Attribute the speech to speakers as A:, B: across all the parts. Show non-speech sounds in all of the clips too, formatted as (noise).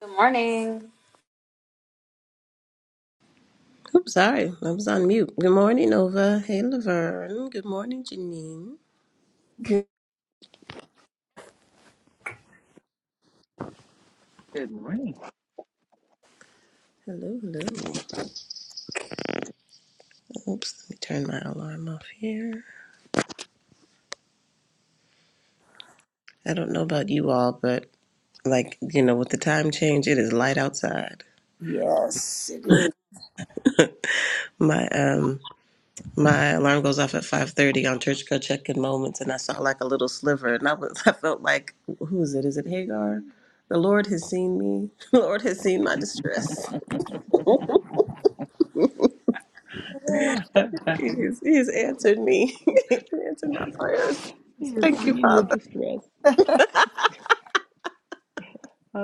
A: Good morning.
B: I'm sorry, I was on mute. Good morning, Nova. Hey, Laverne. Good morning, Janine.
C: Good.
D: Good morning.
B: Hello, hello. Oops, let me turn my alarm off here. I don't know about you all, but like you know, with the time change, it is light outside.
C: Yes, it is.
B: My um, my alarm goes off at 5:30 on church girl check-in moments, and I saw like a little sliver, and I was (laughs) I felt like who is it? Is it Hagar? The Lord has seen me. (laughs) The Lord has seen my distress. (laughs) He's, he's answered me. (laughs) he answered my prayers.
D: (laughs) You're
B: Thank you,
D: seeing your
B: Father.
D: distress.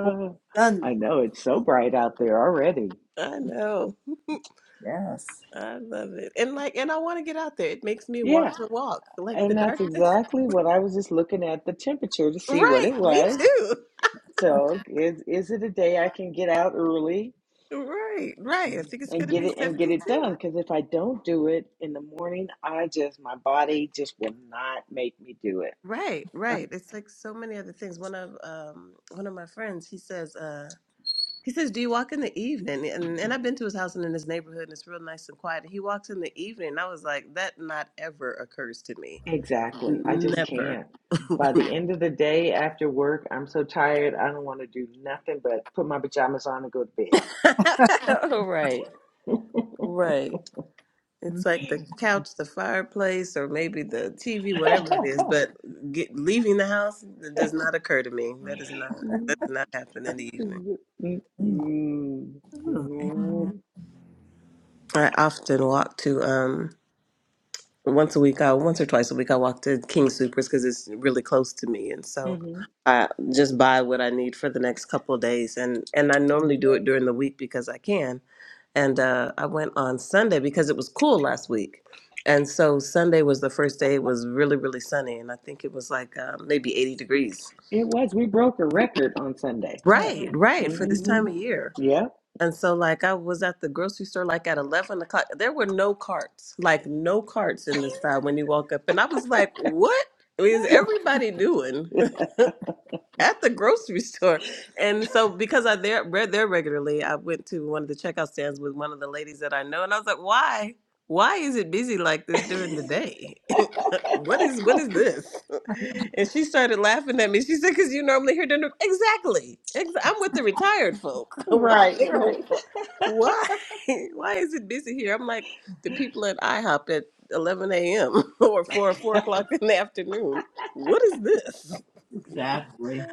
C: For
D: I
C: sunlight.
D: know it's so bright out there already.
B: I know.
C: Yes.
B: I love it. And like and I want to get out there. It makes me want
D: Yeah,
B: to walk. Like the
D: and that's
B: darkness. (laughs)
D: exactly what I was just looking at the temperature to see what
B: Right.
D: it
B: Me
D: was.
B: too.
D: So is is it a day I can get out early
B: Right. Right. I think it's
D: and
B: gonna
D: get
B: be
D: it and
B: seventy
D: get it
B: two.
D: done? Because if I don't do it in the morning, I just my body just will not make me do it.
B: Right, right. It's like so many other things. One of um one of my friends, he says, uh he says, Do you walk in the evening? And and I've been to his house and in his neighborhood and it's real nice and quiet. He walks in the evening and I was like, That not ever occurs to me.
D: Exactly. I
B: N-
D: just
B: Never.
D: can't. By
B: (laughs)
D: the end of the day after work, I'm so tired. I don't want to do nothing but put my pajamas on and go to bed.
B: Oh, right, right. It's like the couch, the fireplace, or maybe the TV, whatever it is. But get, leaving the house does not occur to me. That is not that does not happen in the evening.
C: Mhm. Ooh.
D: (laughs) Mm-hmm.
B: I often walk to um once a week i once or twice a week i walk to king supers because it's really close to me and so i just buy what i need for the next couple of days and and i normally do it during the week because i can and uh, i went on sunday because it was cool last week and so sunday was the first day it was really really sunny and i think it was like uh, maybe 80 degrees
D: It was. We broke a record on Sunday.
C: Yes,
B: right right for this time
D: Mm-hmm.
B: of year
D: Yep.
B: and so, like, I was at the grocery store, like, at 11 o'clock. There were no carts, like, no carts in this side when you walk up. And I was like, what is everybody doing? (laughs) at the grocery (laughs) store. And so because I there re- there regularly, I went to one of the checkout stands with one of the ladies that I know and I was like, "Why? Why is it busy like this during the day? (laughs) what
D: (laughs)
B: is what is this?" (laughs) And she started laughing at me. She said, "Cuz you normally hear dinner exactly. Ex- I'm with the retired folk. (laughs) Why?
D: Right, right.
B: (laughs) Why? (laughs) Why is it busy here?" I'm like, "The people at IHOP at 11 a.m. (laughs) or 4 4
D: (laughs)
B: o'clock in the afternoon. What is this?"
C: exactly.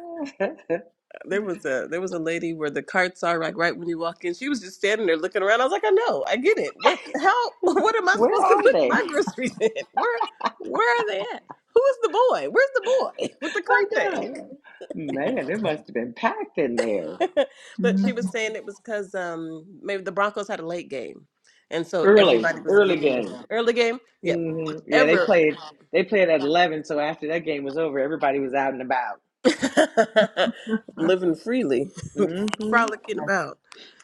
B: there was a there was a lady where the carts are like right when you walk in. She was just standing there looking around. I was like, I know, I get it. What how (laughs) what am I
D: Where
B: supposed to
D: are
B: put
D: they?
B: my groceries in? (laughs) Where where are they at? Who's the boy? Where's the boy (laughs) with the
D: I
B: cart
D: know.
B: thing?
D: Man, it must have been packed in there.
B: (laughs) but she
C: Mhm.
B: was saying it was because um maybe the Broncos had a late game. And so
D: Early,
B: everybody was
D: early
B: getting this
D: game.
B: early game. Yep.
D: hmm Yeah, they
B: Ever
D: played. They played at eleven. So after that game was over, everybody was out and about.
B: (laughs) living freely,
D: hmm
B: frolicking about.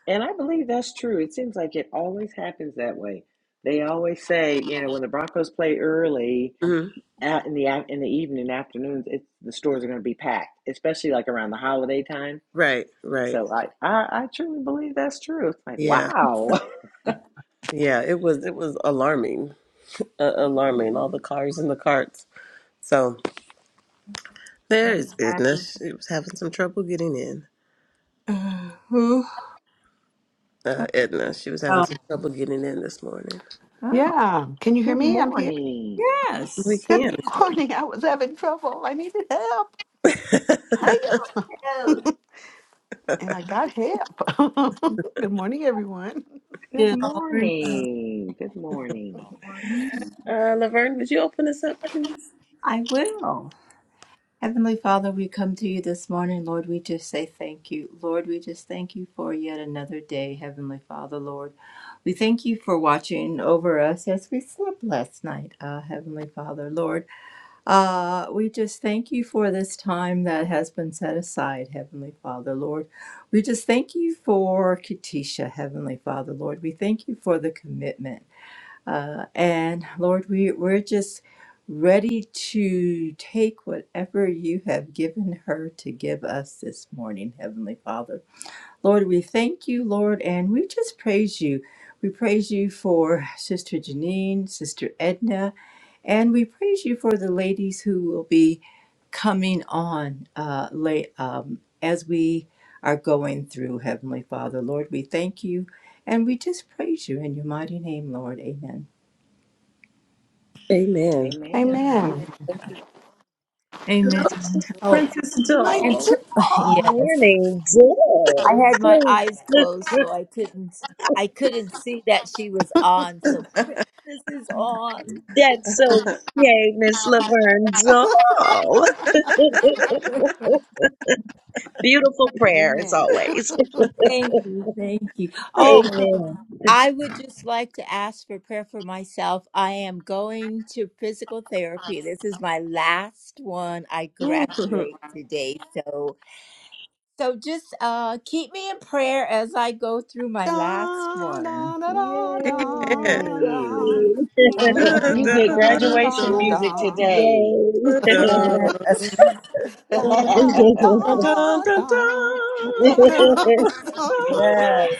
D: And I believe that's true. It seems like it always happens that way. They always say, you know, when the Broncos play early
B: Mhm.
D: out in the af- in the evening afternoons, it's the stores are going to be packed, especially like around the holiday time.
B: Right, right.
D: So I, I, I truly believe that's true. It's like,
B: Yeah.
D: wow. (laughs)
B: Yeah, it was it was alarming uh, alarming. All the cars and the carts. So
C: That's
B: there's
C: it.
B: Edna. She was having some trouble getting in.
C: Uh, who? (sighs)
B: Uh, Edna, she was having some
C: Oh,
B: trouble getting in this morning.
C: Oh,
E: Yeah, can you hear
D: Good
E: me? I'm here.
D: morning.
B: We
C: yes.
E: Good
B: can.
E: morning. I was having trouble. I needed help.
B: (laughs) uh,
E: Help.
C: hello.
E: And I got help. (laughs) Good morning, everyone.
D: Good
C: Good morning.
D: morning. Good morning.
C: morning.
B: Laverne, would you open us up, please?
C: I will. Heavenly Father, we come to you this morning, Lord. We just say thank you. Lord, we just thank you for yet another day, Heavenly Father, Lord. We thank you for watching over us as we slept last night, uh, Heavenly Father, Lord. Uh, we just thank you for this time that has been set aside, Heavenly Father, Lord. We just thank you for Katisha, Heavenly Father, Lord. We thank you for the commitment. Uh, and Lord, we, we're just ready to take whatever you have given her to give us this morning, Heavenly Father. Lord, we thank you, Lord, and we just praise you. We praise you for Sister Janine, Sister Edna, and we praise you for the ladies who will be coming on uh, late, um, as we are going through, Heavenly Father. Lord, we thank you and we just praise you in your mighty name, Lord. Amen.
B: Amen.
D: Amen.
E: Amen.
C: Amen. Oh,
E: My
C: and (laughs)
E: God.
C: yes,
F: Morning,
C: I
F: Joel.
C: had my
F: (laughs)
C: eyes closed, so I couldn't. I couldn't see that she was on. So this is on.
F: That's so yay, Miss Laverne
E: (laughs)
F: Joel. (laughs) Beautiful prayer as
E: Amen. (laughs)
F: always.
C: Thank you, thank you. Oh,
F: Amen.
C: I would just like to ask for prayer for myself. I am going to physical therapy. This is my last one. I
B: Mhm.
C: graduate today, so so just uh, keep me in prayer as I go through my last
E: Da,
C: one.
E: da, da,
B: Yeah.
E: da, da,
D: Yay! You you get
E: da. Da, da,
D: graduation
E: da, da,
D: music
E: da.
D: today.
F: Yay. (laughs) yes. (laughs)
C: Yes,
B: (laughs)
D: (laughs)
E: Da, da, da,
D: what
E: da, da. Da, (laughs) da, da,
C: (laughs) yes,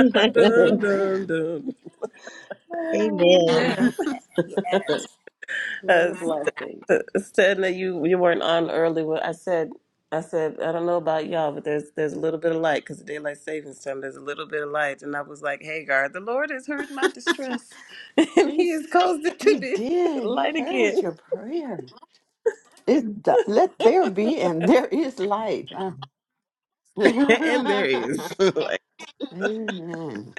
B: Dun,
E: Amen.
B: dun,
F: Amen.
B: dun.
E: (laughs)
C: yes.
D: a
B: (laughs)
D: blessing.
B: (laughs) Saying that you you weren't on early. Well, I said I said I don't know about y'all, but there's there's a little bit of light because daylight savings time. There's a little bit of light, and I was like, Hagar, the Lord has heard my distress, (laughs) and He has
E: Jesus,
B: caused it
E: he
B: to be (laughs)
E: did. He
B: light
E: heard
B: again. (laughs)
E: your prayer. It, th- let there be, and there is light. Uh, (laughs)
B: And there is. (laughs) like,
E: Amen.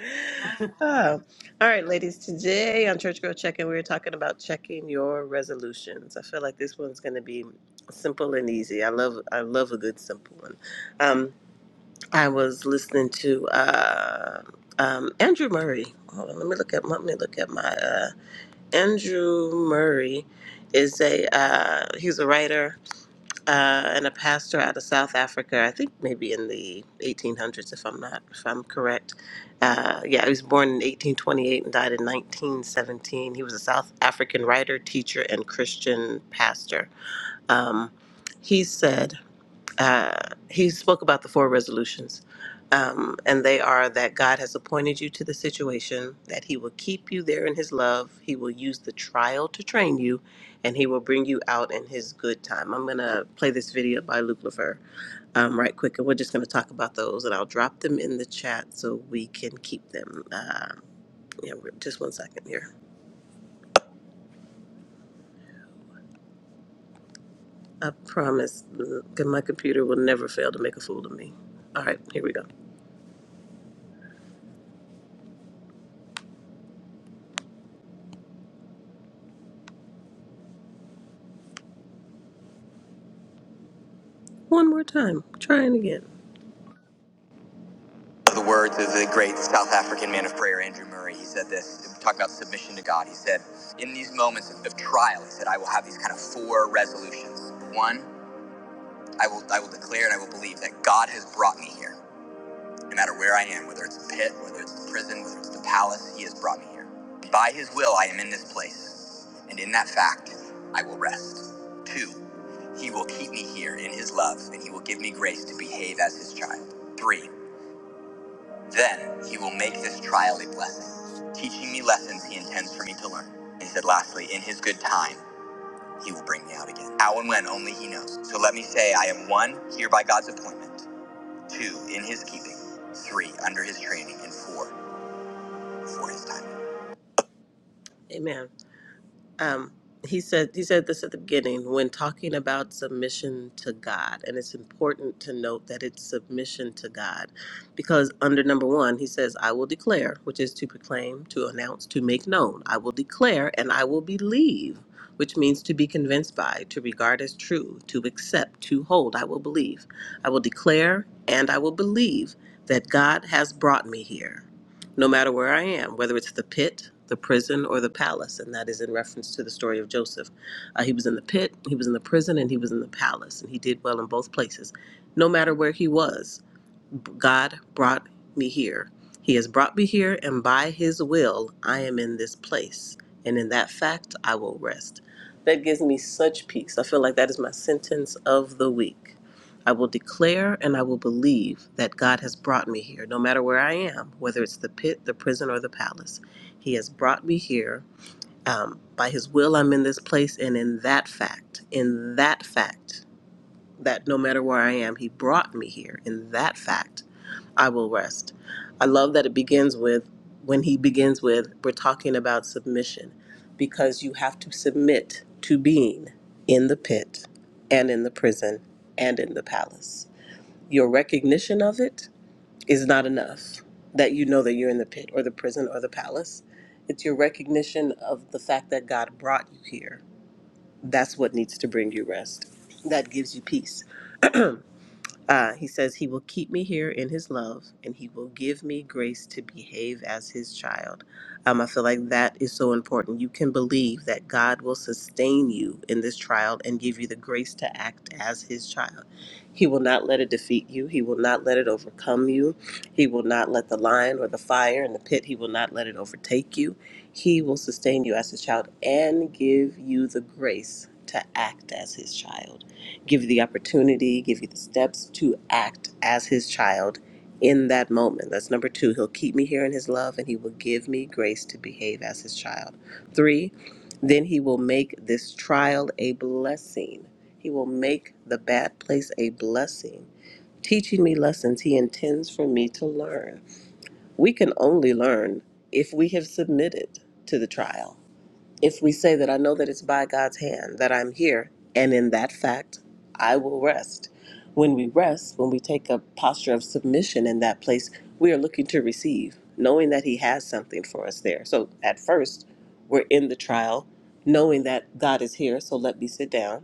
B: oh. All right, ladies. Today on Church Girl Check-in, we were talking about checking your resolutions. I feel like this one's going to be simple and easy. I love I love a good simple one. Um, I was listening to uh, um, Andrew Murray. Hold on, let me look at let me look at my uh, Andrew Murray is a uh, he's a writer uh, and a pastor out of South Africa. I think maybe in the 1800s, if I'm not if I'm correct. Uh, yeah, he was born in 1828 and died in 1917. He was a South African writer, teacher, and Christian pastor. Um, he said uh, he spoke about the four resolutions. Um, and they are that God has appointed you to the situation, that He will keep you there in His love, He will use the trial to train you, and He will bring you out in His good time. I'm going to play this video by Luke Lefer um, right quick, and we're just going to talk about those, and I'll drop them in the chat so we can keep them. Uh, yeah, we're- just one second here. I promise mm, my computer will never fail to make a fool of me. All right, here we go. One more time. Trying again. the words of the great South African man of prayer, Andrew Murray. He said this, talking about submission to God. He said, In these moments of, of trial, he said, I will have these kind of four resolutions. One, I will, I will declare and I will believe that God has brought me here, no matter where I am, whether it's the pit, whether it's the prison, whether it's the palace, He has brought me here. By His will, I am in this place, and in that fact, I will rest. Two, He will keep me here in His love, and He will give me grace to behave as His child. Three, then he will make this trial a blessing, teaching me lessons he intends for me to learn. And he said, lastly, in his good time, he will bring me out again. How and when, only he knows. So let me say, I am one, here by God's appointment, two, in his keeping, three, under his training, and four, for his timing. Amen. um, he said he said this at the beginning when talking about submission to God, and it's important to note that it's submission to God, because under number one he says, "I will declare," which is to proclaim, to announce, to make known. I will declare, and I will believe, which means to be convinced by, to regard as true, to accept, to hold. I will believe. I will declare, and I will believe that God has brought me here no matter where I am, whether it's the pit, the prison, or the palace. And that is in reference to the story of Joseph. Uh, he was in the pit, he was in the prison, and he was in the palace, and he did well in both places, no matter where he was. God brought me here. He has brought me here, and by His will, I am in this place. And in that fact, I will rest. That gives me such peace. I feel like that is my sentence of the week. I will declare and I will believe that God has brought me here, no matter where I am, whether it's the pit, the prison, or the palace. He has brought me here. Um, by His will, I'm in this place, and in that fact, in that fact, that no matter where I am, He brought me here. In that fact, I will rest. I love that it begins with, when He begins with, we're talking about submission because you have to submit to being in the pit and in the prison and in the palace. Your recognition of it is not enough that you know that you're in the pit or the prison or the palace. It's your recognition of the fact that God brought you here. That's what needs to bring you rest. That gives you peace. (clears throat) Uh, he says, He will keep me here in His love, and He will give me grace to behave as His child. Um, I feel like that is so important. You can believe that God will sustain you in this trial and give you the grace to act as His child. He will not let it defeat you, He will not let it overcome you, He will not let the lion or the fire and the pit, He will not let it overtake you. He will sustain you as His child and give you the grace to act as His child give you the opportunity, give you the steps to act as his child in that moment. That's number two. He'll keep me here in his love and he will give me grace to behave as his child. Three, then he will make this trial a blessing. He will make the bad place a blessing, teaching me lessons he intends for me to learn. We can only learn if we have submitted to the trial if we say that I know that it's by God's hand that I'm here, and in that fact, I will rest. When we rest, when we take a posture of submission in that place, we are looking to receive, knowing that He has something for us there. So at first, we're in the trial, knowing that God is here, so let me sit down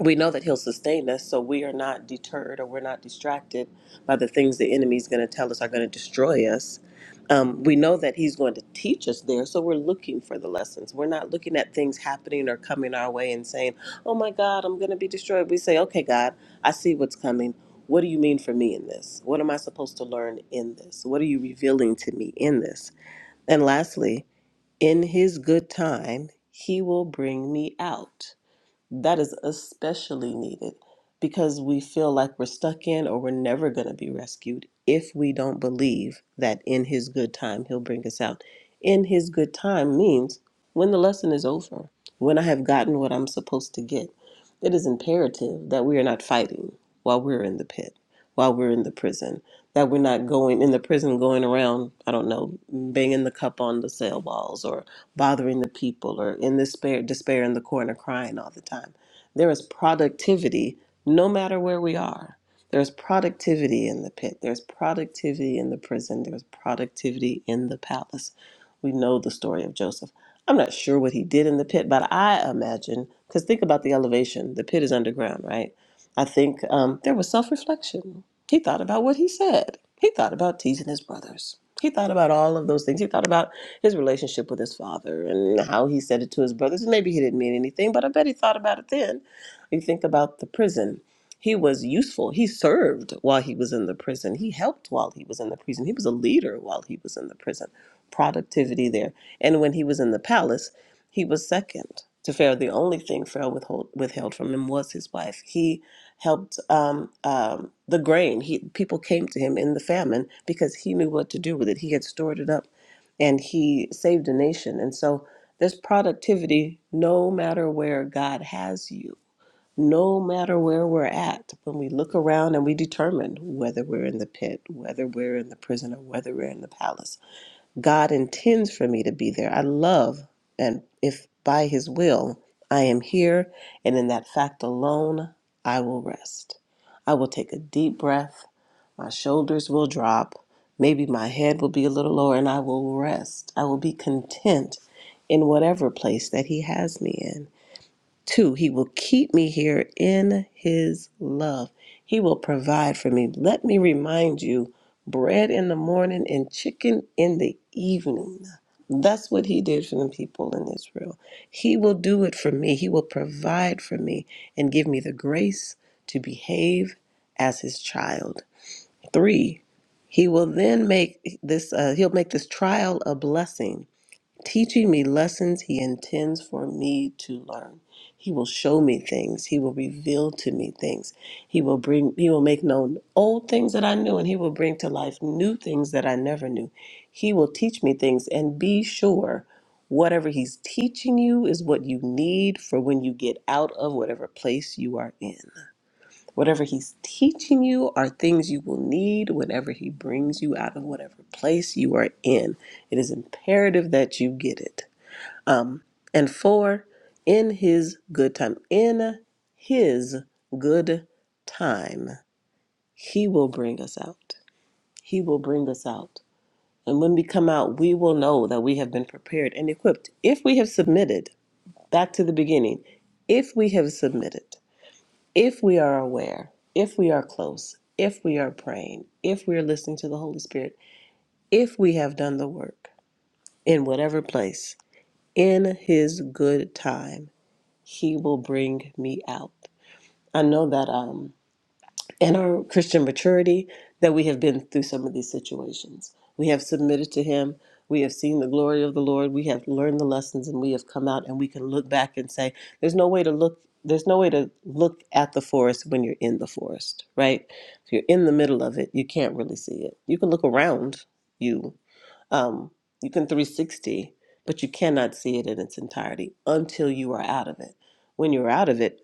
B: we know that he'll sustain us so we are not deterred or we're not distracted by the things the enemy's going to tell us are going to destroy us um, we know that he's going to teach us there so we're looking for the lessons we're not looking at things happening or coming our way and saying oh my god i'm going to be destroyed we say okay god i see what's coming what do you mean for me in this what am i supposed to learn in this what are you revealing to me in this and lastly in his good time he will bring me out that is especially needed because we feel like we're stuck in or we're never going to be rescued if we don't believe that in his good time he'll bring us out. In his good time means when the lesson is over, when I have gotten what I'm supposed to get. It is imperative that we are not fighting while we're in the pit, while we're in the prison, that we're not going in the prison going around, I don't know, banging the cup on the cell walls or bothering the people or in despair, despair in the corner crying all the time. There is productivity no matter where we are. There's productivity in the pit. There's productivity in the prison. There's productivity in the palace. We know the story of Joseph. I'm not sure what he did in the pit, but I imagine, because think about the elevation. The pit is underground, right? I think um, there was self reflection. He thought about what he said. He thought about teasing his brothers. He thought about all of those things. He thought about his relationship with his father and how he said it to his brothers. And maybe he didn't mean anything, but I bet he thought about it then. You think about the prison. He was useful. He served while he was in the prison. He helped while he was in the prison. He was a leader while he was in the prison. Productivity there. And when he was in the palace, he was second to Pharaoh. The only thing Pharaoh withhold, withheld from him was his wife. He helped um, um, the grain. He people came to him in the famine because he knew what to do with it. He had stored it up and he saved a nation. And so there's productivity no matter where God has you, no matter where we're at. When we look around and we determine whether we're in the pit, whether we're in the prison, or whether we're in the palace, God intends for me to be there. I love, and if by his will, I am here, and in that fact alone, I will rest. I will take a deep breath my shoulders will drop. Maybe my head will be a little lower and I will rest. I will be content in whatever place that He has me in. Two, He will keep me here in His love. He will provide for me. Let me remind you bread in the morning and chicken in the evening. That's what He did for the people in Israel. He will do it for me. He will provide for me and give me the grace to behave as His child Three, he will then make this, uh, he'll make this trial a blessing, teaching me lessons he intends for me to learn. He will show me things. He will reveal to me things. He will bring, he will make known old things that I knew, and he will bring to life new things that I never knew. He will teach me things, and be sure whatever he's teaching you is what you need for when you get out of whatever place you are in. Whatever He's teaching you are things you will need whenever He brings you out of whatever place you are in. It is imperative that you get it. Um, and four, in His good time, in His good time, He will bring us out. He will bring us out. And when we come out, we will know that we have been prepared and equipped. If we have submitted, back to the beginning, if we have submitted, if we are aware, if we are close, if we are praying, if we are listening to the Holy Spirit, if we have done the work in whatever place, in His good time, He will bring me out. I know that. Um, and our Christian maturity that we have been through some of these situations. We have submitted to Him. We have seen the glory of the Lord. We have learned the lessons, and we have come out, and we can look back and say, "There's no way to look. There's no way to look at the forest when you're in the forest, right? If you're in the middle of it, you can't really see it. You can look around you, um, you can 360, but you cannot see it in its entirety until you are out of it. When you're out of it,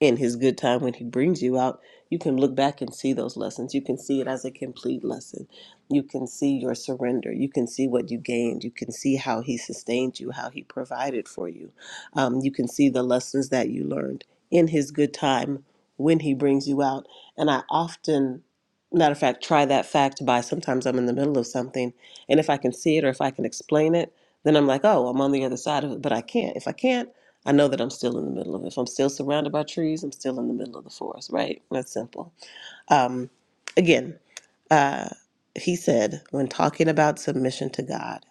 B: in his good time, when he brings you out, you can look back and see those lessons. You can see it as a complete lesson. You can see your surrender. You can see what you gained. You can see how he sustained you, how he provided for you. Um, you can see the lessons that you learned in his good time when he brings you out. And I often, matter of fact, try that fact by sometimes I'm in the middle of something and if I can see it or if I can explain it, then I'm like, oh, I'm on the other side of it. But I can't. If I can't, I know that I'm still in the middle of it. If I'm still surrounded by trees, I'm still in the middle of the forest, right? That's simple. Um, again, uh, he said, when talking about submission to God,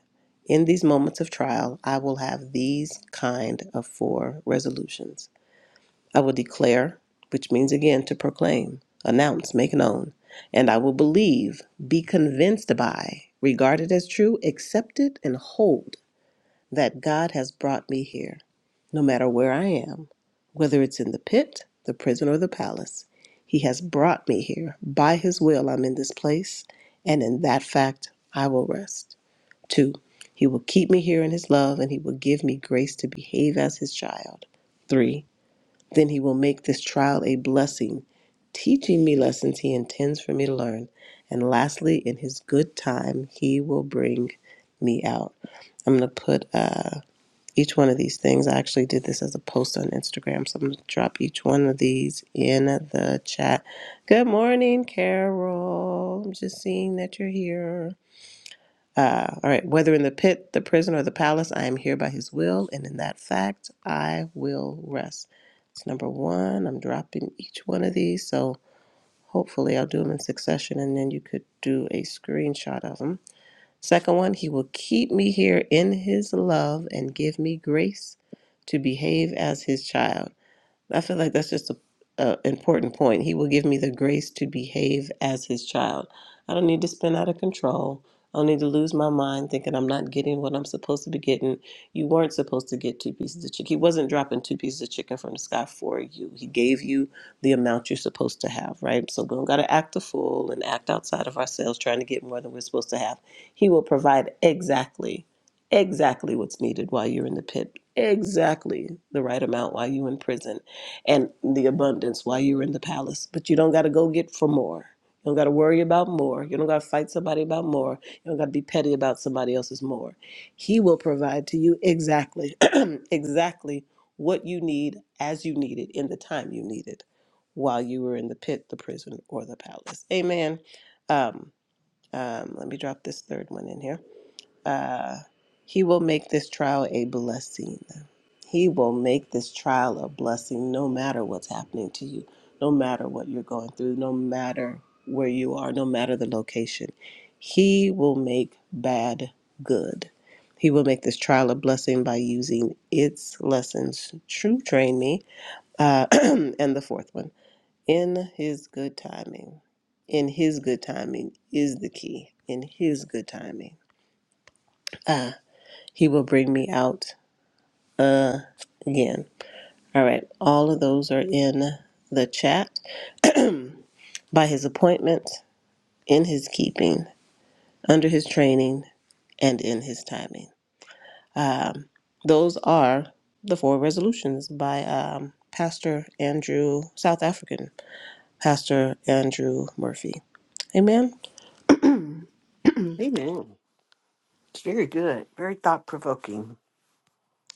B: in these moments of trial, I will have these kind of four resolutions. I will declare, which means again to proclaim, announce, make known. And I will believe, be convinced by, regard it as true, accept it, and hold that God has brought me here, no matter where I am, whether it's in the pit, the prison, or the palace. He has brought me here. By his will, I'm in this place, and in that fact, I will rest. Two, he will keep me here in his love, and he will give me grace to behave as his child. Three, then he will make this trial a blessing, teaching me lessons he intends for me to learn. And lastly, in his good time, he will bring me out. I'm going to put uh, each one of these things. I actually did this as a post on Instagram, so I'm going to drop each one of these in the chat. Good morning, Carol. I'm just seeing that you're here. Uh, all right, whether in the pit, the prison, or the palace, I am here by his will, and in that fact, I will rest. It's number one. I'm dropping each one of these, so hopefully I'll do them in succession, and then you could do a screenshot of them. Second one, he will keep me here in his love and give me grace to behave as his child. I feel like that's just a, a important point. He will give me the grace to behave as his child. I don't need to spin out of control. I don't need to lose my mind thinking I'm not getting what I'm supposed to be getting. You weren't supposed to get two pieces of chicken. He wasn't dropping two pieces of chicken from the sky for you. He gave you the amount you're supposed to have, right? So we don't got to act a fool and act outside of ourselves trying to get more than we're supposed to have. He will provide exactly exactly what's needed while you're in the pit, exactly the right amount while you're in prison and the abundance while you're in the palace. But you don't got to go get for more. You don't got to worry about more. You don't got to fight somebody about more. You don't got to be petty about somebody else's more. He will provide to you exactly, (clears throat) exactly what you need as you need it in the time you need it while you were in the pit, the prison, or the palace. Amen. Um, um, let me drop this third one in here uh, he will make this trial a blessing. He will make this trial a blessing no matter what's happening to you, no matter what you're going through, no matter where you are, no matter the location. He will make bad good. He will make this trial a blessing by using its lessons to train me. Uh, (clears throat) and the fourth one in his good timing. In his good timing is the key. In his good timing. Uh, he will bring me out uh, again. All right, all of those are in the chat. (clears throat) By his appointment, in his keeping, under his training, and in his timing. Um, those are the four resolutions by um, Pastor Andrew, South African Pastor Andrew Murphy. Amen.
E: Amen. It's very good. Very thought provoking.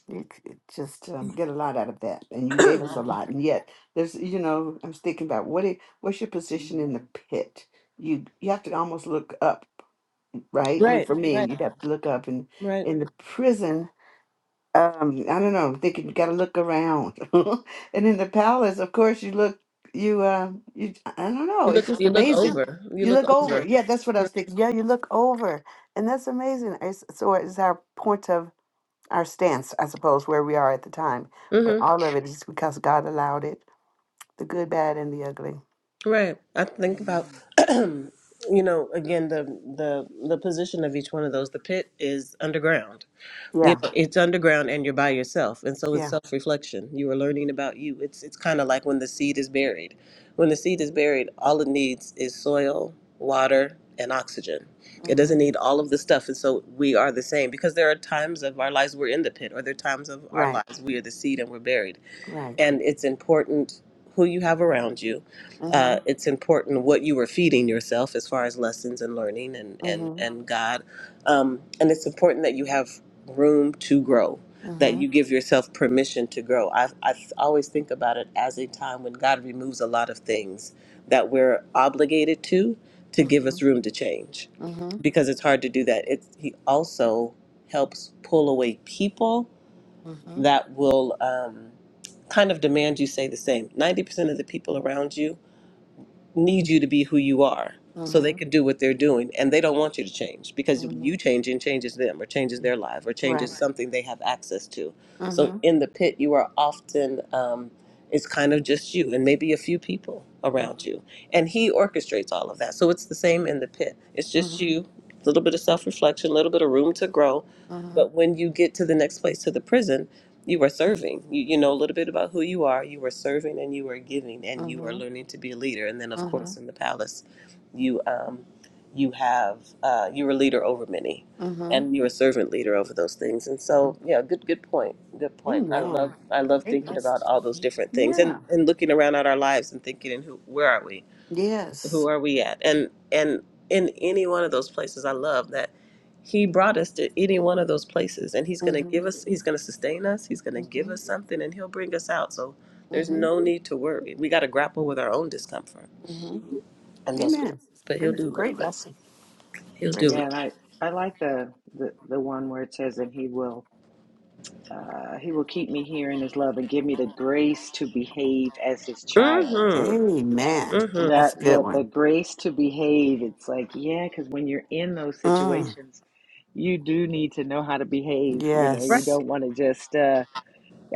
E: You c- just um, get a lot out of that, and you gave us a lot. And yet, there's you know, I was thinking about what it, what's your position in the
D: Amen.
E: pit. You you have to almost look up, right? I mean, for me, you'd have to look up, and in the prison, um i don't know i'm thinking you gotta look around (laughs) and in the palace of course you look you uh you i don't know
B: You
E: it's
B: look,
E: just
B: you look
E: amazing
B: over. You
E: you
B: look
E: look over
B: over.
E: yeah that's what i was thinking yeah you look over and that's amazing it's, so it's our point of our stance i suppose where we are at the time
B: Mhm.
E: but all of it is because god allowed it the good bad and the ugly
B: Right. I think about
D: Amen.
B: (clears throat) you know, again the the the position of each one of those. The pit is underground. You
E: yeah
B: know, it's underground and you're by yourself. And so it's
E: yeah
B: self reflection. You are learning about you. It's it's kinda like when the seed is buried. When the seed is buried, all it needs is soil, water, and oxygen. It
E: hmm
B: doesn't need all of the stuff. And so we are the same because there are times of our lives we're in the pit, or there are times of our
E: right
B: lives we are the seed and we're buried
E: right
B: and it's important who you have around you.
E: hmm
B: Uh, it's important what you were feeding yourself as far as lessons and learning and and
E: hmm
B: and God, um, and it's important that you have room to grow. That
E: hmm
B: you give yourself permission to grow. I, I always think about it as a time when God removes a lot of things that we're obligated to to give
E: hmm
B: us room to change,
E: hmm hmm
B: because it's hard to do that. It's He also helps pull away people that will um, kind of demand you say the same. 90% of the people around you need you to be who you are so they
E: hmm
B: can do what they're doing and they don't want you to change because you
E: hmm
B: changing changes them or changes their life or
E: right
B: changes something they have access to. So
E: Uh-huh.
B: in the pit, you are often, um, it's kind of just you and maybe a few people
E: Uh-huh.
B: around you. And he orchestrates all of that. So it's the same in the pit. It's
E: Uh-huh.
B: just you, a little bit of self reflection, a little bit of room to grow. But when you get to the next place, to the prison, you were serving. You, you know a little bit about who you are. You were serving and you were giving and you are
E: Uh-huh.
B: learning to be a leader. And then, of
E: Uh-huh.
B: course, in the palace, you um, you have uh, you're a leader over many,
E: Uh-huh.
B: and you're a servant leader over those things. And so, yeah, good good point. Good point. I love
E: Amen.
B: I love
E: Great
B: thinking
E: message.
B: about all those different things
E: Yeah.
B: and and looking around at our lives and thinking, and who where are we? who
E: Yes.
B: are we at and and in any one of those places i love that he brought us to any one of those places and he's going to give
E: Mm-hmm.
B: us he's going to sustain us he's going to give
E: Mm-hmm.
B: us something and he'll bring us out so there's
E: Mm-hmm.
B: no need to worry we got to grapple with our own discomfort
E: Mm-hmm.
B: in those
E: Amen.
B: places but he'll
E: Good.
B: do it
E: Great lesson.
B: he'll
E: Great.
B: do
D: Yeah,
B: it
D: and I, I like the, the the one where it says, that he will uh, he will keep me here in his love and give me the grace to behave as his child.
B: mm-hmm
E: Amen.
B: mm-hmm
E: That's
D: that
E: a good
D: that the
E: one.
D: grace to behave it's like yeah because when you're in those
E: Mm.
D: situations you do need to know how to behave you know
B: right
D: you
E: Yes.
D: don't want to just uh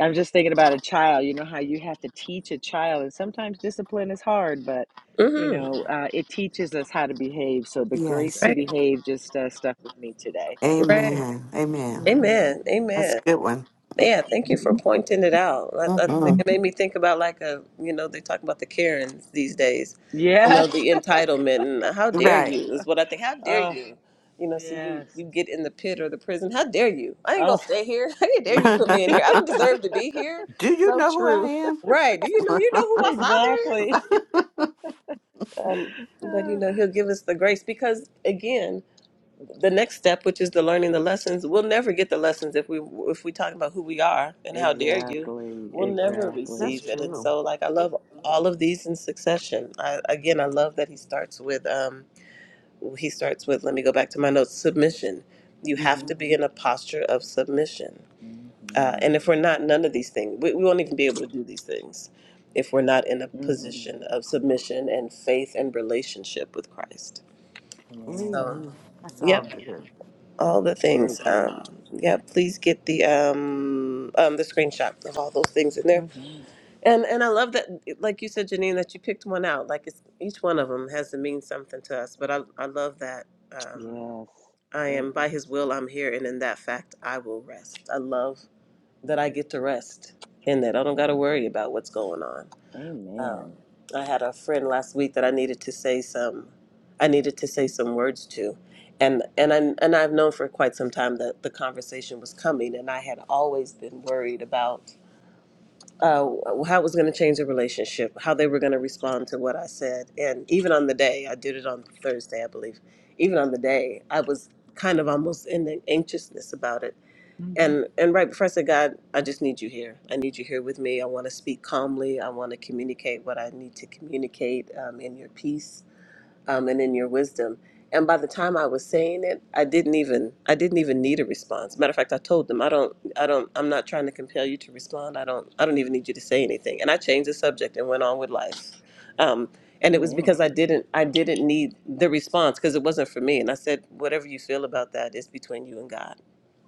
D: i'm just thinking about a child you know how you have to teach a child and sometimes discipline is hard but you
B: mm-hmm
D: know uh, it teaches us how to behave so the grace
E: Yes.
D: to
B: right
D: behave just uh, stuck with me today
B: right
E: Amen. Amen.
D: hmm
B: amen
E: That's
B: amen
E: a good one.
B: Yeah, thank you for pointing it out. I, I think
E: Mm-hmm.
B: it made me think about like a, you know, they talk about the Karens these days, you know,
D: yes
B: the entitlement and how dare
E: Right.
B: you is what I think. How
D: (laughs)
B: dare
D: oh
B: you, you know? So you
D: yes
B: you get in the pit or the prison. How dare you? I ain't gonna
D: oh
B: stay here. (laughs) How dare
D: it's
E: (laughs)
B: you put me in here? I don't deserve to be here.
E: Do you
D: so
E: know who I
D: true
E: am?
B: Right? Do you know you know who
D: (laughs)
B: my father is?
D: exactly
B: Um, but
D: (laughs)
B: you know he'll give us the grace because again the next step, which is the learning the lessons, we'll never get the lessons if we if we talk about who we are and how dare you,
D: Exactly,
B: we'll never
D: exactly.
E: That's
B: receive it. And
E: true.
B: so, like I love all of these in succession. I, again, I love that he starts with um, he starts with. Let me go back to my notes. Submission. You have
D: Mm-hmm.
B: to be in a posture of submission. Uh,
D: Mm-hmm.
B: and if we're not, none of these things, we, we won't even be able to do these things if we're not in a
D: Mm-hmm.
B: position of submission and faith and relationship with Christ.
D: Amen.
B: So.
E: Amen. That's
B: Yep
E: all
D: Amen.
E: good.
B: all the
D: Very
B: things.
D: good.
B: Um, yeah, please get the um, um, the screenshot of all those things in there.
D: Mm-hmm.
B: And and I love that, like you said, Janine, that you picked one out. Like it's each one of them has to mean something to us. But I I love that. Um,
D: Yes.
B: I
D: That,
B: am by His will I'm here, and in that fact I will rest. I love that I get to rest in that. I don't got to worry about what's going on. Um,
D: amen.
B: I had a friend last week that I needed to say some, I needed to say some words to, and and I, and I've known for quite some time that the conversation was coming, and I had always been worried about uh, how it was going to change the relationship, how they were going to respond to what I said, and even on the day I did it on Thursday, I believe, even on the day I was kind of almost in the anxiousness about it
D: Mm-hmm.
B: and and right before I said, God, I just need you here. I need you here with me. I want to speak calmly. I want to communicate what I need to communicate um, in your peace um, and in your wisdom. And by the time I was saying it, I didn't even I didn't even need a response. Matter of fact, I told them I don't I don't I'm not trying to compel you to respond. I don't I don't even need you to say anything. And I changed the subject and went on with life. Um, and it was because I didn't I didn't need the response because it wasn't for me. And I said, whatever you feel about that is between you and God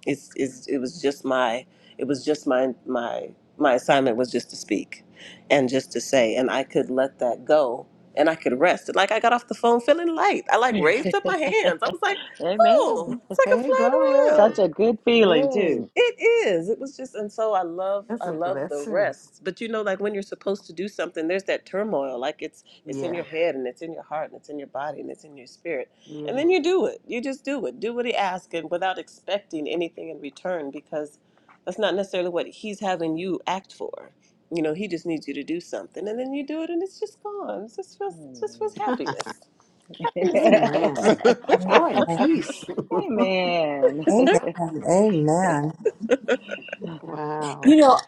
B: it's, it's it was just my it was just my my my assignment was just to speak and just to say and I could let that go and I could rest. Like I got off the phone feeling light. I
D: Amen.
B: like raised up my hands. I was like,
D: (laughs) amen.
B: oh, it's like I'm
E: Hey,
B: flying around.
E: glory.
D: Such a good feeling
E: Hey,
D: too.
B: It is. It was just, and so I love,
E: that's
B: I
E: a
B: love the
E: blessing.
B: rest. But you know, like when you're supposed to do something, there's that turmoil. Like it's, it's in
E: Yeah,
B: your head, and it's in your heart, and it's in your body, and it's in your spirit. And
E: yeah.
B: then you do it. You just do it. Do what he asks, and without expecting anything in return, because that's not necessarily what he's having you act for. You know, he just needs you to do something, and then you do it, and it's just gone. It's just, feels, just
D: Amen.
B: feels
E: (laughs)
B: happiness, happiness and light. (laughs)
E: Amen. Joy and
C: Amen.
E: peace. (laughs)
D: (laughs) amen.
C: Amen.
D: (laughs)
E: Wow.
C: You know,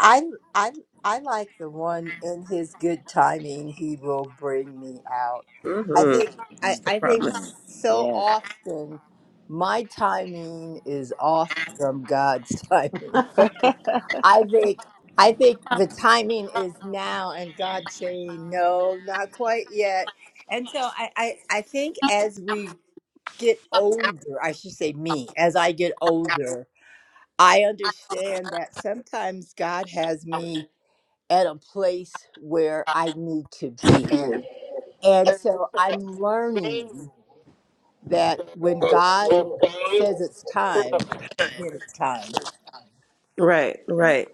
C: I I I like the one in his good timing he will bring me out. I think
B: mm-hmm.
C: I,
B: It's the
C: I think
B: promise.
D: Mm-hmm.
C: so often my timing is off from God's (laughs) timing. I think I think the timing is now and God saying no, not quite yet. And so I, I, I think as we get older, I should say me, as I get older, I understand that sometimes God has me at a place where I need to be. And so I'm learning that when God says it's time, then it's time.
B: Right, right.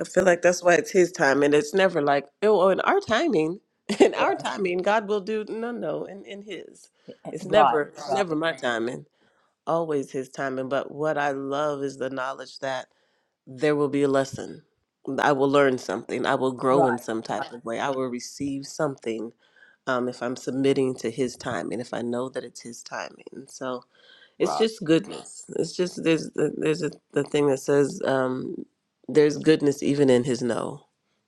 B: I feel like that's why it's his time, and it's never like, oh, in our timing, (laughs) in our timing, God will do. No, no, in in His, it's
C: Right,
B: never, it's Right,
C: right,
B: never my right. timing. Always His timing. But what I love is the knowledge that there will be a lesson. I will learn something. I will grow in
C: right.
B: some type of way. I will receive something um, if I'm submitting to His timing. If I know that it's His timing, so. It's just goodness. It's just there's there's a, the thing that says um, there's goodness even in his no,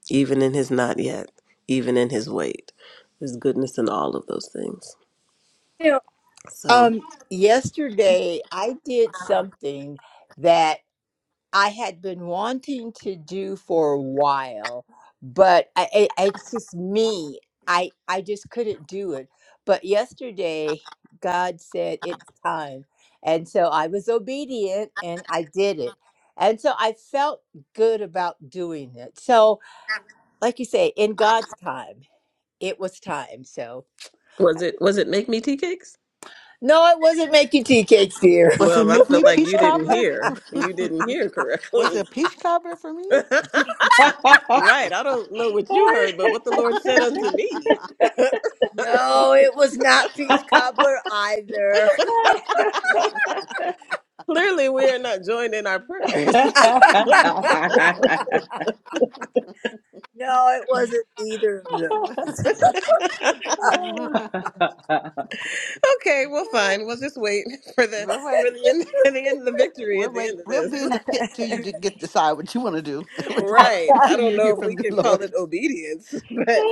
B: even in his not yet, even in his wait. There's goodness in all of those things.
C: You know,
B: So
C: um, yesterday I did something that. I had been wanting to do for a while, but I, I, I- it's just me. I I just couldn't do it. But yesterday, God said it's time, and so I was obedient and I did it. And so I felt good about doing it. So, like you say, in God's time, it was time. So,
B: was it was it make me tea cakes?
C: no, it wasn't making tea cakes, dear. (laughs)
E: Was he
B: Well, I
E: making
B: feel
E: me
B: like
E: peach
B: you didn't
E: cobbler?
B: hear.
E: (laughs)
B: You didn't hear
E: Was it a
B: correctly.
E: peach cobbler for me?
B: (laughs) right. I don't know what you heard, but what the
E: (laughs)
B: Lord said unto me.
C: No, it was not peach
D: Yes.
C: cobbler either.
D: (laughs) (laughs) you
B: Clearly, we are not joined in our prayers.
C: (laughs) no, it wasn't either of those.
B: (laughs) Okay, well, fine. We'll just wait (laughs) for the
E: we'll
B: for
E: wait.
B: the end (laughs) the end of the victory
E: We'll
B: at the
E: wait.
B: end of
E: We'll
B: this.
E: be in
B: (laughs)
E: the pit till you d- get decide what you want to do. (laughs)
C: (laughs)
B: Right. I
E: Until
B: don't
E: you
B: know
E: hear
B: if
E: from
B: we
E: the
B: can call it
E: Lord.
B: obedience, (laughs) but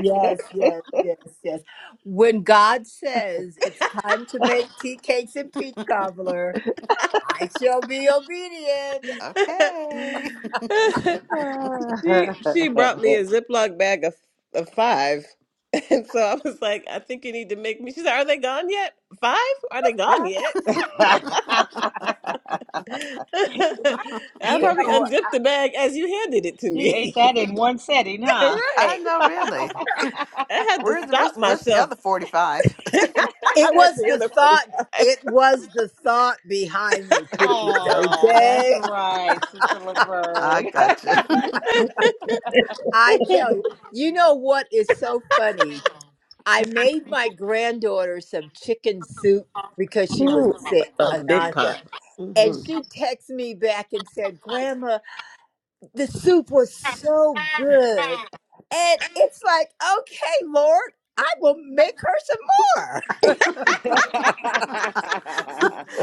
C: yes, yes, yes, yes. When God says it's time to make tea cakes and peach cobbler, I shall be obedient.
E: Okay.
B: (laughs) she she brought me a Ziploc bag of of five, (laughs) and so I was like, I think you need to make me. She said, Are they gone yet? Five? Are they
E: (laughs) All
B: gone
E: right.
B: yet? (laughs) I
C: You
B: probably
C: know,
B: unzipped the bag as you handed it to
D: ate
B: me.
D: that
B: (laughs)
D: in one setting, huh?
E: I
B: right.
E: know really.
B: I
D: (laughs)
B: had to
E: Where's the
B: stop
E: rest where's the
B: myself.
E: other forty five?
B: (laughs) I
C: it
B: went
C: was
B: the
C: the
B: other forty
C: thought.
B: five.
C: It was the thought behind the cookies.
D: oh, that's
C: Okay,
D: right, Sister
E: I
D: Laverne.
E: got you.
C: I
B: (laughs)
C: tell you. You know what is so funny? I made my granddaughter some chicken soup because she was
B: Ooh,
C: sick,
B: a a big
C: Anasha.
B: pot.
C: And
B: hmm
C: she texted me back and said, Grandma, the soup was so good. And it's like, okay, Lord, I will make her some more.
D: (laughs)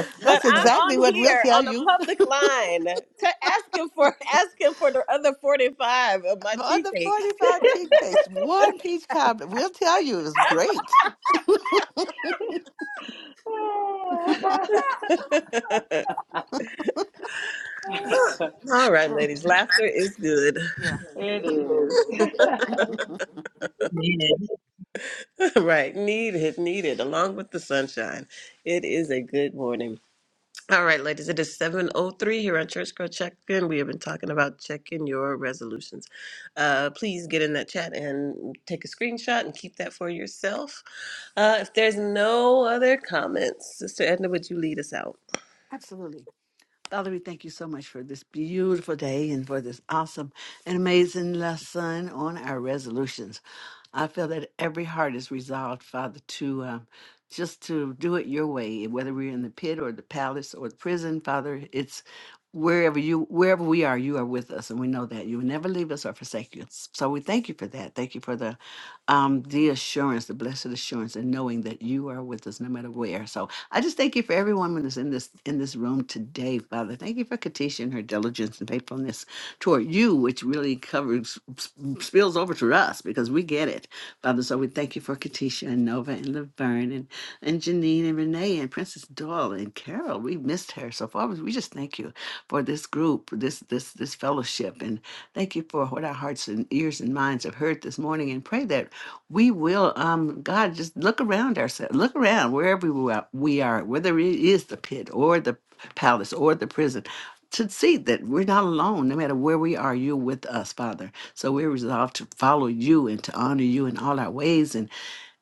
E: (laughs)
B: But
E: That's
B: I'm
E: exactly
B: on
E: what we'll
B: here
E: tell
B: on a
E: you.
B: public line to asking for (laughs) asking for the other 45 of
E: (laughs)
B: my
E: On
B: tea
E: the
B: cakes.
E: 45 tea cakes, one peach cobbler. We'll tell you it was great.
B: (laughs) All right,
E: Oh,
B: ladies, laughter is good.
E: yeah,
D: it is.
F: Amen.
B: (laughs) right, needed, needed, along with the sunshine. It is a good morning. All right, ladies, it is 7.03 here on Church Girl Check-In. We have been talking about checking your resolutions. Uh, please get in that chat and take a screenshot and keep that for yourself. Uh, if there's no other comments, Sister Edna, would you lead us out?
E: absolutely. Father, we thank you so much for this beautiful day and for this awesome and amazing lesson on our resolutions. I feel that every heart is resolved, Father, to um, just to do it your way, whether we're in the pit or the palace or the prison, Father. It's wherever you, wherever we are, you are with us, and we know that you will never leave us or forsake us. So we thank you for that. Thank you for the um, the assurance, the blessed assurance, and knowing that you are with us no matter where. So I just thank you for every woman that's in this in this room today, Father. Thank you for Katisha and her diligence and faithfulness toward you, which really covers spills over to us because we get it, Father. So we thank you for Katisha and Nova and Laverne and and Janine and Renee and Princess Doyle and Carol. We missed her so far. We just thank you for this group, this this this fellowship, and thank you for what our hearts and ears and minds have heard this morning. And pray that we will, um, God, just look around ourselves, look around wherever we are, we are, whether it is the pit or the palace or the prison to see that we're not alone. No matter where we are, you're with us, Father. So we're resolved to follow you and to honor you in all our ways. And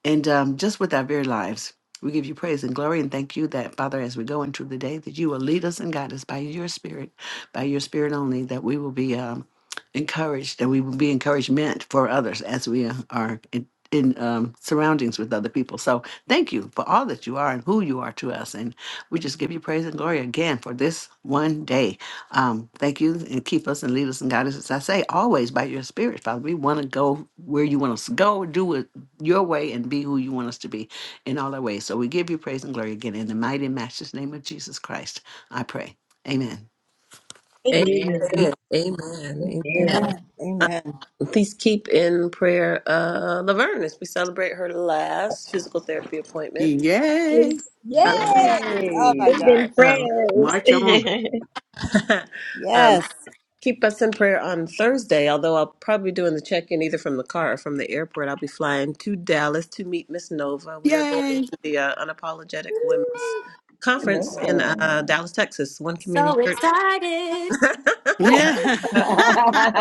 E: and um, just with our very lives, we give you praise and glory and thank you that, Father, as we go into the day, that you will lead us and guide us by your Spirit, by your Spirit only, that we will be um, encouraged, that we will be encouragement for others as we uh, are in, in um, surroundings with other people. So thank you for all that you are and who you are to us. And we just give you praise and glory again for this one day. Um, thank you and keep us and lead us and guide us, as I say, always by your Spirit, Father. We want to go where you want us to go, do it your way and be who you want us to be in all our ways. So we give you praise and glory again in the mighty and matchless name of Jesus Christ. I pray. Amen.
D: Amen.
F: Amen.
B: Amen. Amen.
D: Amen.
B: Amen.
F: Amen.
C: Amen.
B: Uh,
C: Amen.
B: please keep in prayer uh, Laverne as we celebrate her last physical therapy appointment.
E: Yay.
F: It's
B: Um,
C: Yes. Oh my
D: Yay.
C: gosh.
F: been
B: um,
E: March on.
F: prayers. (laughs)
B: (laughs) um,
C: Yes.
B: Keep us in prayer on Thursday, although I'll probably be doing the check in either from the car or from the airport. I'll be flying to Dallas to meet Miss Nova. We are going to
E: Yay.
B: the uh, Unapologetic Women's Conference in
D: Amen.
B: uh, Dallas, Texas, One Community
A: So
B: Church.
A: excited.
E: Yeah.
B: uh,
D: (laughs)
E: (laughs)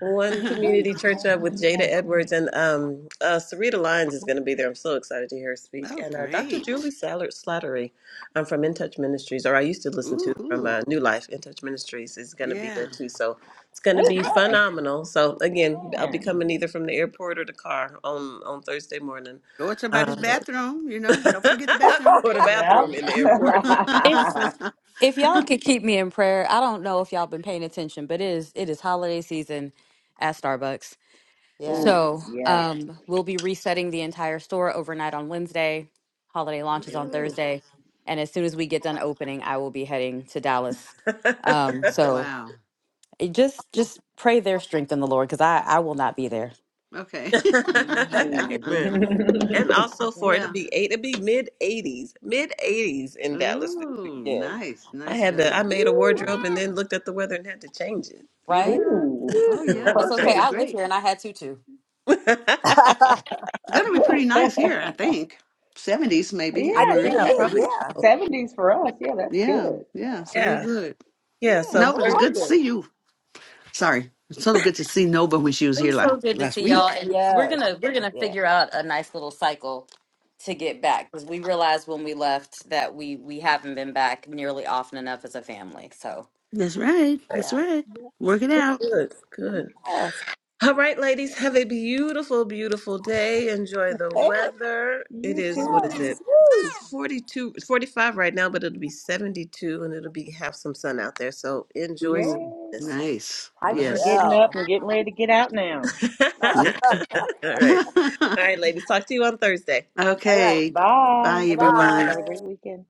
B: One
E: oh,
B: community church up with Jada Edwards and um, uh, Sarita Lyons is going to be there. I'm so excited to hear her speak. And uh, Dr. Julie
E: great.
B: Sallard Slattery um, from In Touch Ministries, or I used to listen to from
E: Ooh-hoo.
B: uh, New Life In Touch Ministries, is going to be there
E: Yeah.
B: too. So it's going to be phenomenal. So again, I'll be
D: Amen.
B: coming either from the airport or the car on on Thursday morning,
E: Go in
B: uh,
E: somebody's bathroom. You
B: (laughs)
E: know, don't forget the bathroom.
B: or the
D: Yep.
B: bathroom in the airport. (laughs)
A: If
D: (laughs)
E: (laughs)
A: if y'all could keep me in prayer, I don't know if y'all been paying attention, but it is it is holiday season at Starbucks.
C: Yeah.
D: Ooh,
A: So
D: yeah.
A: um we'll be resetting the entire store overnight on Wednesday. Holiday launches on
B: Ooh.
A: Thursday. And as soon as we get done opening, I will be heading to Dallas.
B: (laughs)
A: Um so
E: wow.
A: it just just pray their strength in the Lord because I, I will not be there.
E: Okay.
B: Amen.
E: (laughs)
B: And
D: Mm.
B: also for it'll
E: yeah.
B: be eight, it'll be mid eighties, mid eighties in Dallas this
E: Ooh,
B: weekend.
E: nice.
B: I
E: Nice
B: had to,
E: weather.
B: I made a
C: Ooh,
B: wardrobe and then looked at the weather and had to change it.
D: (laughs)
A: Right?
E: Yeah.
D: Ooh,
E: Oh,
C: ooh.
E: yeah.
A: It's
E: That's going to
A: okay.
E: be
A: I
D: perfect.
A: live
E: great.
A: here and I had tutu.
C: (laughs)
B: (laughs)
C: I
E: It's
D: (laughs)
E: going to
D: yeah,
E: be pretty nice here, I think. 70s, maybe, I
D: I
C: think
E: heard.
D: think
C: it
B: yeah,
D: I
C: is.
D: think
B: probably
D: the
C: Yeah.
B: so.
D: seventies for us. Yeah, that's
E: Yeah.
D: good.
C: Yeah.
E: Yeah. So we're
B: Yeah,
E: good.
B: yeah.
C: Yeah.
B: So
E: Nova, it
C: We're
E: was
B: Thursday.
C: all
E: good to
C: good.
E: see you. Sorry. It's so good to see Nova when she was
A: It
E: here
A: was
E: la-
A: so good to
E: last
A: see y'all,
E: week.
A: and we're
C: Yes.
A: gonna we're gonna
C: Yeah.
A: figure out a nice little cycle to get back because we realized when we left that we we haven't been back nearly often enough as a family. So
E: That's right. That's
C: Yeah.
E: right. Work it out.
B: good, good.
C: Yes.
B: All right, ladies, have a beautiful, beautiful day. Enjoy the
C: Hey,
B: weather. It
D: You
B: is what is
D: too.
B: it?
C: yes. Woo.
B: 42, 45 right now, but it'll be 72 and it'll be have some sun out there. So enjoy some
E: Ooh,
B: of
D: Yay.
B: this.
E: nice.
C: I
B: All
D: I'm
E: Yes.
D: getting up
C: shall.
D: and getting ready to get out now.
B: right.
C: (laughs) all
B: (laughs)
E: Okay.
B: All right.
E: (laughs)
B: All right, ladies. Talk to you on Thursday.
C: right.
E: okay. Bye,
D: Bye.
C: Bye
B: Bye bye.
E: everyone.
D: Have a
C: bye.
D: great weekend.